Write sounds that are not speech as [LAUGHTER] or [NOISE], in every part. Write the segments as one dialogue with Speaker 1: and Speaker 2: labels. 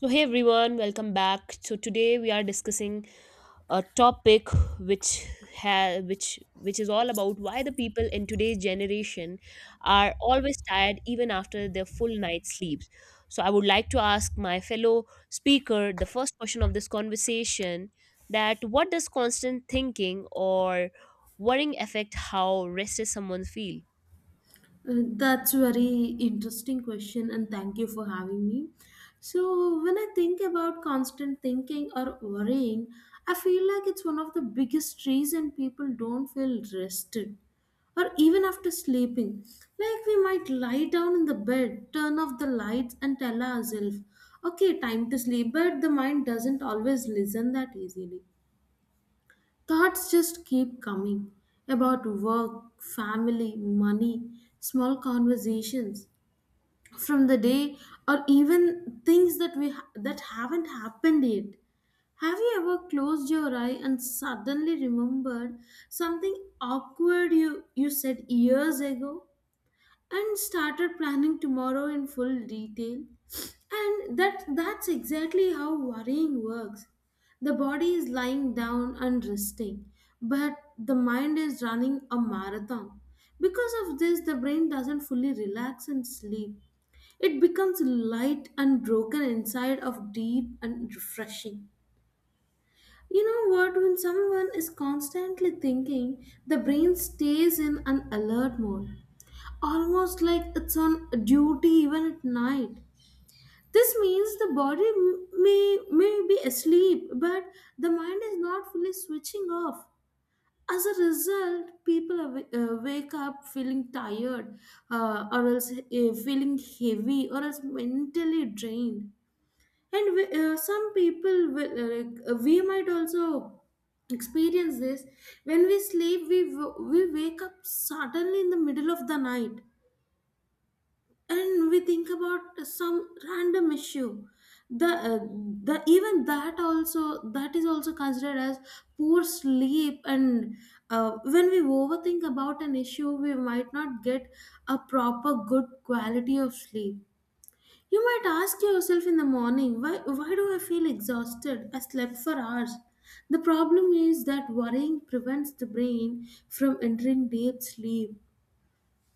Speaker 1: So, hey everyone, welcome back. So today we are discussing a topic which ha- which is all about why the people in today's generation are always tired even after their full night sleeps. So I would like to ask my fellow speaker the first question of this conversation, that what does constant thinking or worrying affect how rested someone feels?
Speaker 2: Uh, That's very interesting question, and thank you for having me. So, when I think about constant thinking or worrying, I feel like it's one of the biggest reason people don't feel rested or even after sleeping. Like we might lie down in the bed, turn off the lights, and tell ourselves, okay, time to sleep, but the mind doesn't always listen that easily. Thoughts just keep coming about work, family, money, small conversations from the day or even things that haven't happened yet. Have you ever closed your eye and suddenly remembered something awkward you said years ago? And started planning tomorrow in full detail. And that's exactly how worrying works. The body is lying down and resting, but the mind is running a marathon. Because of this, the brain doesn't fully relax and sleep. It becomes light and broken inside of deep and refreshing. You know what? When someone is constantly thinking, the brain stays in an alert mode. Almost like it's on duty even at night. This means the body may be asleep, but the mind is not fully switching off. As a result, people wake up feeling tired, or else feeling heavy, or else mentally drained. And some people will, we might also experience this when we sleep. We wake up suddenly in the middle of the night and we think about some random issue the uh, the even that also that is also considered as poor sleep. And when we overthink about an issue we might not get a proper good quality of sleep. You might ask yourself in the morning, why do I feel exhausted? I slept for hours. The problem is that worrying prevents the brain from entering deep sleep,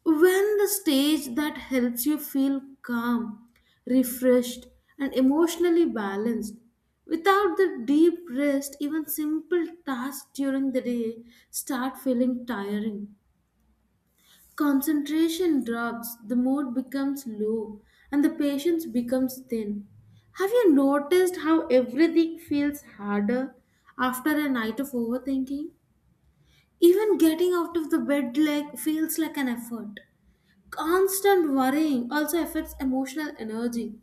Speaker 2: when the stage that helps you feel calm, refreshed, and emotionally balanced. Without the deep rest, even simple tasks during the day start feeling tiring. Concentration drops, the mood becomes low, and the patience becomes thin. Have you noticed how everything feels harder after a night of overthinking? Even getting out of the bed like feels like an effort. Constant worrying also affects emotional energy.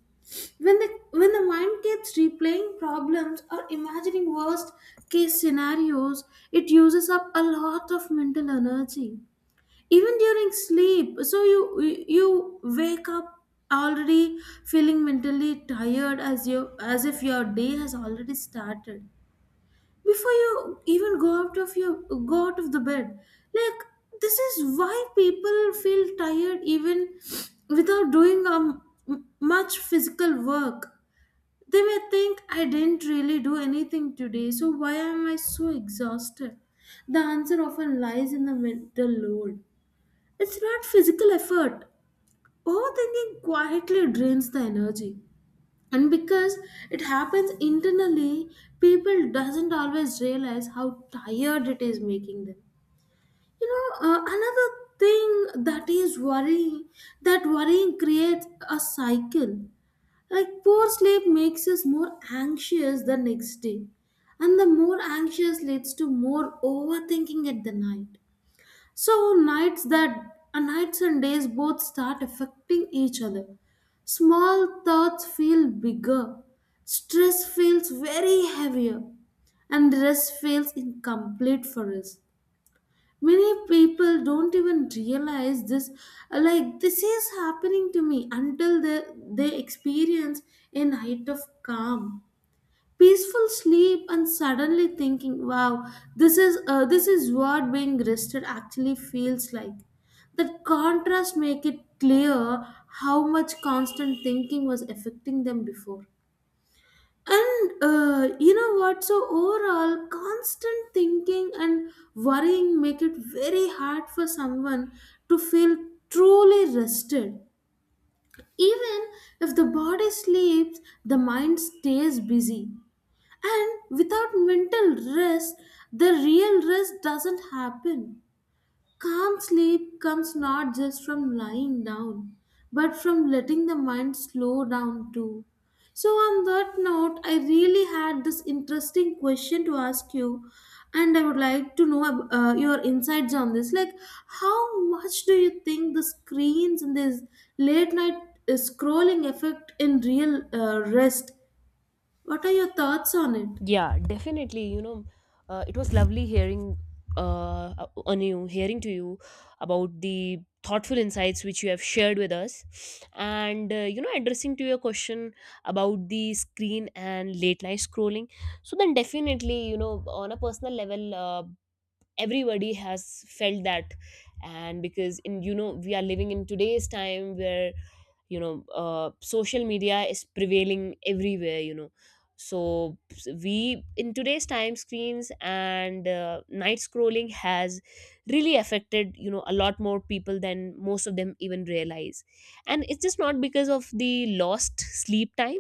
Speaker 2: When the mind keeps replaying problems or imagining worst case scenarios, it uses up a lot of mental energy. Even during sleep, so you wake up already feeling mentally tired, as if your day has already started before you even go out of the bed. Like this is why people feel tired even without doing much physical work. They may think, I didn't really do anything today, so why am I so exhausted? The answer often lies in the mental load. It's not physical effort. Overthinking quietly drains the energy, and because it happens internally, people doesn't always realize how tired it is making them. You know, another thing that worrying creates a cycle. Like poor sleep makes us more anxious the next day, and the more anxious leads to more overthinking at the night. So nights and days both start affecting each other. Small thoughts feel bigger. Stress feels very heavier and rest feels incomplete for us. Many people don't even realize this, like this is happening to me, until they experience a night of calm peaceful sleep and suddenly thinking, wow, this is what being rested actually feels like. That contrast make it clear how much constant thinking was affecting them before. And you know what, so overall constant thinking and worrying make it very hard for someone to feel truly rested. Even if the body sleeps, the mind stays busy, and without mental rest, the real rest doesn't happen. Calm sleep comes not just from lying down, but from letting the mind slow down too. So, on that note, I really had this interesting question to ask you, and I would like to know your insights on this. Like, how much do you think the screens and this late night scrolling effect in real rest? What are your thoughts on it?
Speaker 1: Yeah, definitely. You know, it was lovely hearing on you, hearing to you about the thoughtful insights which you have shared with us, and addressing to your question about the screen and late night scrolling. So then, definitely, you know, on a personal level, everybody has felt that. And because in, you know, we are living in today's time where, you know, social media is prevailing everywhere, you know. So we, in today's time, screens and night scrolling has really affected, you know, a lot more people than most of them even realize, and it's just not because of the lost sleep time,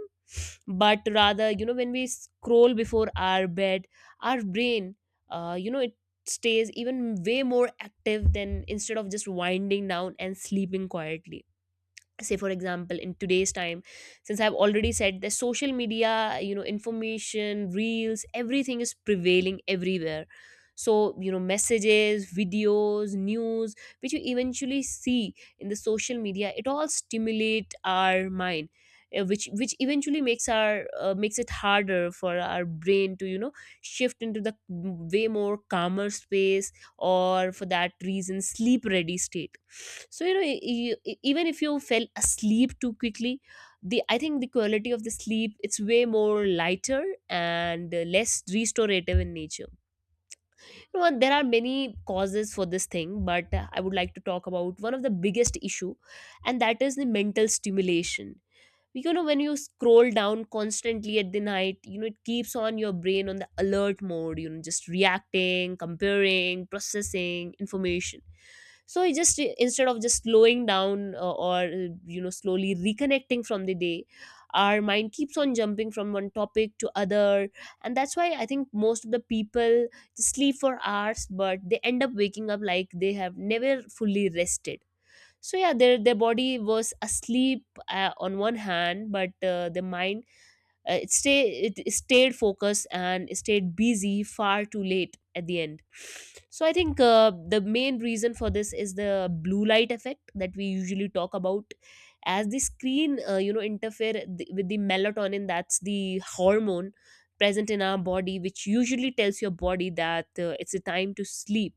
Speaker 1: but rather, you know, when we scroll before our bed, our brain, you know, it stays even way more active than instead of just winding down and sleeping quietly. Say for example, in today's time, since I've already said, the social media, you know, information, reels, everything is prevailing everywhere. So, you know, messages, videos, news which you eventually see in the social media, it all stimulate our mind, which eventually makes our makes it harder for our brain to, you know, shift into the way more calmer space, or for that reason sleep ready state. So, you know, even if you fell asleep too quickly, the I think the quality of the sleep, it's way more lighter and less restorative in nature. You know, there are many causes for this thing, but I would like to talk about one of the biggest issue, and that is the mental stimulation. You know, when you scroll down constantly at the night, you know, it keeps on your brain on the alert mode, you know, just reacting, comparing, processing information. So it just, instead of just slowing down or you know, slowly reconnecting from the day, our mind keeps on jumping from one topic to other, and that's why I think most of the people sleep for hours, but they end up waking up like they have never fully rested. So yeah, their body was asleep, on one hand, but the mind, it stayed focused and stayed busy far too late at the end. So I think the main reason for this is the blue light effect that we usually talk about, as the screen you know, interfere with the melatonin, that's the hormone present in our body, which usually tells your body that it's a time to sleep.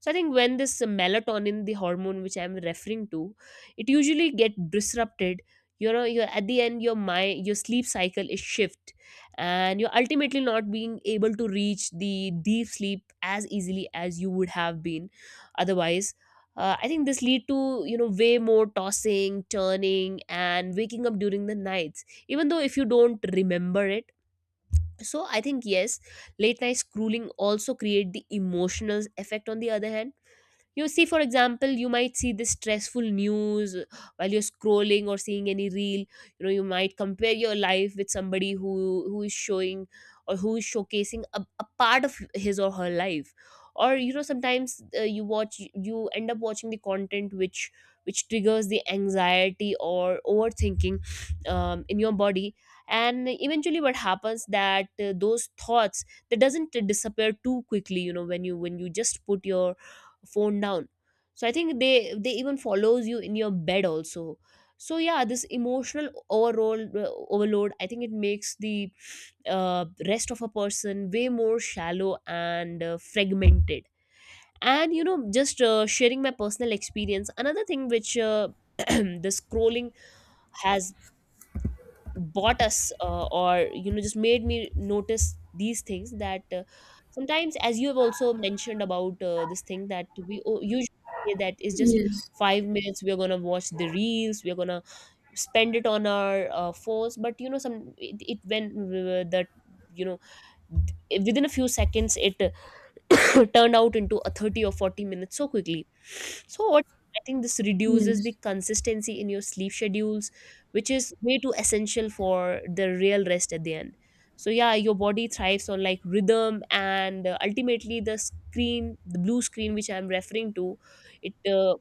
Speaker 1: So I think when this melatonin, the hormone which I'm referring to, it usually get disrupted. You know, you're at the end, your sleep cycle is shift, and you're ultimately not being able to reach the deep sleep as easily as you would have been otherwise. I think this lead to, you know, way more tossing, turning, and waking up during the nights, even though if you don't remember it. So I think, yes, late night scrolling also create the emotional effect on the other hand. You see, for example, you might see this stressful news while you're scrolling or seeing any reel. You know, you might compare your life with somebody who is showing, or who is showcasing a part of his or her life. Or you know, sometimes you watch, you end up watching the content which triggers the anxiety or overthinking in your body. And eventually, what happens that those thoughts that doesn't disappear too quickly. You know, when you just put your phone down, so I think they even follows you in your bed also. So yeah, this emotional overall overload, I think it makes the rest of a person way more shallow and fragmented. And you know, just sharing my personal experience, another thing which [CLEARS THROAT] the scrolling has bought us, or you know, just made me notice these things, that sometimes, as you have also mentioned about this thing that we usually say, that is just
Speaker 2: Yes,
Speaker 1: 5 minutes we're gonna watch the reels, we're gonna spend it on our phones. But you know, some it when the, you know, within a few seconds it [COUGHS] turned out into a 30 or 40 minutes so quickly. So what, I think this reduces
Speaker 2: yes,
Speaker 1: the consistency in your sleep schedules, which is way too essential for the real rest at the end. So yeah, your body thrives on like rhythm, and ultimately the screen, the blue screen which I'm referring to, it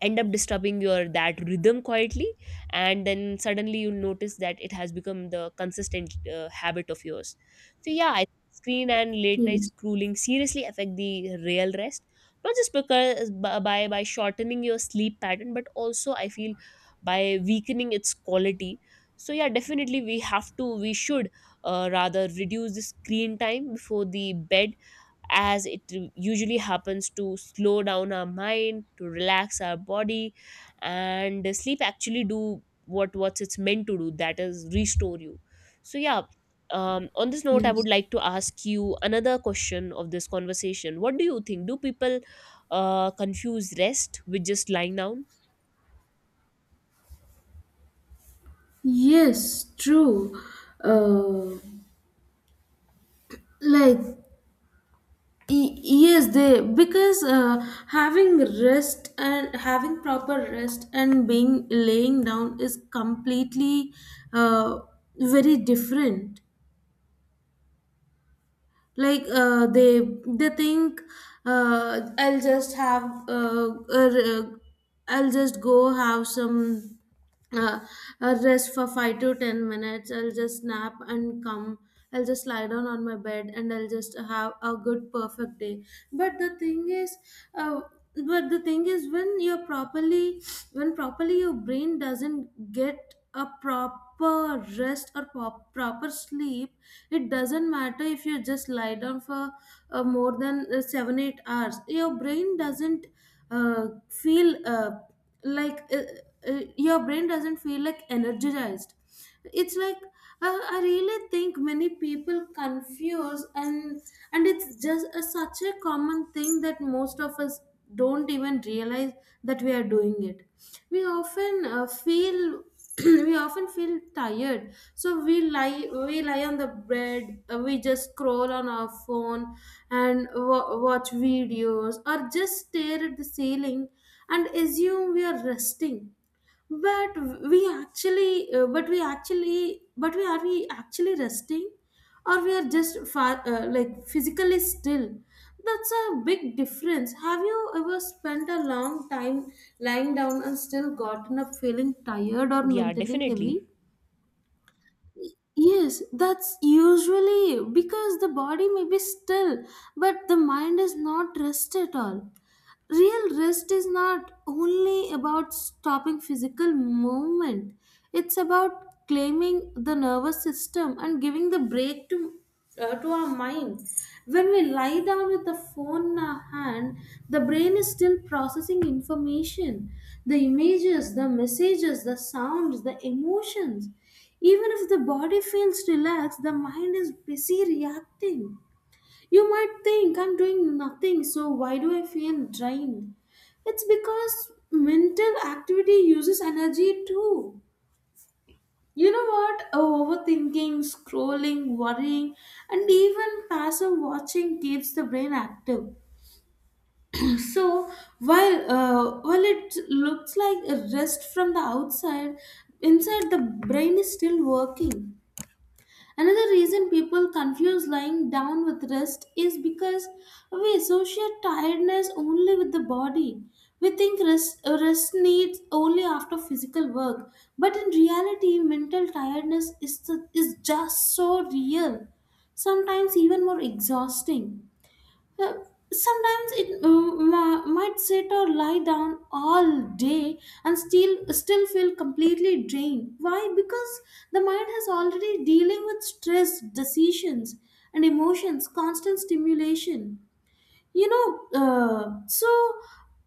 Speaker 1: end up disturbing your that rhythm quietly. And then suddenly you notice that it has become the consistent habit of yours. So yeah, I, screen and late night
Speaker 2: yes,
Speaker 1: scrolling seriously affect the real rest, not just because by shortening your sleep pattern, but also I feel by weakening its quality. So yeah, definitely, we have to we should rather reduce the screen time before the bed, as it usually happens to slow down our mind, to relax our body, and sleep actually do what it's meant to do, that is restore you. So yeah, on this note, I
Speaker 2: yes,
Speaker 1: would like to ask you another question of this conversation. What do you think, do people confuse rest with just lying down?
Speaker 2: yes, true. Uh, like, yes, they because having rest and having proper rest and being laying down is completely uh, very different. Like they think, uh, i'll just have uh, uh, I'll just go have some uh, a rest for 5 to 10 minutes. I'll just nap and come. I'll just lie down on my bed and I'll just have a good perfect day. But the thing is, uh, when you're properly, when properly your brain doesn't get a proper rest or proper sleep. It doesn't matter if you just lie down for more than 7 8 hours, your brain doesn't feel like uh, your brain doesn't feel like energized. It's like I really think many people confuse, and it's just such a common thing that most of us don't even realize that we are doing it. We often feel [CLEARS THROAT] We often feel tired, so we lie on the bed. We just scroll on our phone and watch videos or just stare at the ceiling and assume we are resting. But we actually but we actually but we are we actually resting, or we are just like physically still. That's a big difference. Have you ever spent a long time lying down and still gotten up feeling tired or
Speaker 1: Yeah,
Speaker 2: mentally
Speaker 1: definitely.
Speaker 2: heavy? Yes, that's usually because the body may be still, but the mind is not rest at all. Real rest is not only about stopping physical movement, it's about claiming the nervous system and giving the break to our mind. When we lie down with the phone in our hand, the brain is still processing information, the images, the messages, the sounds, the emotions. Even if the body feels relaxed, the mind is busy reacting. You might think, I'm doing nothing, so why do I feel drained? It's because mental activity uses energy too. You know what? Overthinking, scrolling, worrying, and even passive watching keeps the brain active. So while it looks like a rest from the outside, inside the brain is still working. Another reason people confuse lying down with rest is because we associate tiredness only with the body. We think rest needs only after physical work, but in reality, mental tiredness is, is just so real, sometimes even more exhausting. Uh, Sometimes it might sit or lie down all day and still feel completely drained. Why? Because the mind has already dealing with stress decisions and emotions, constant stimulation. You know, uh, so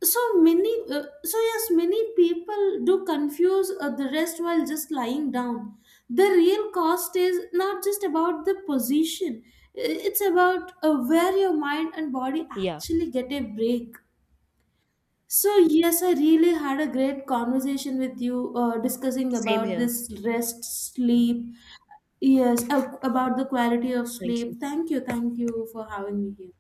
Speaker 2: so many uh, so yes, many people do confuse the rest while just lying down. The real cost is not just about the position. It's about where your mind and body
Speaker 1: Yeah,
Speaker 2: actually get a break. So yes, I really had a great conversation with you discussing
Speaker 1: same
Speaker 2: about
Speaker 1: here.
Speaker 2: this rest sleep, yes, about the quality of
Speaker 1: Thank you.
Speaker 2: sleep. Thank you for having me here.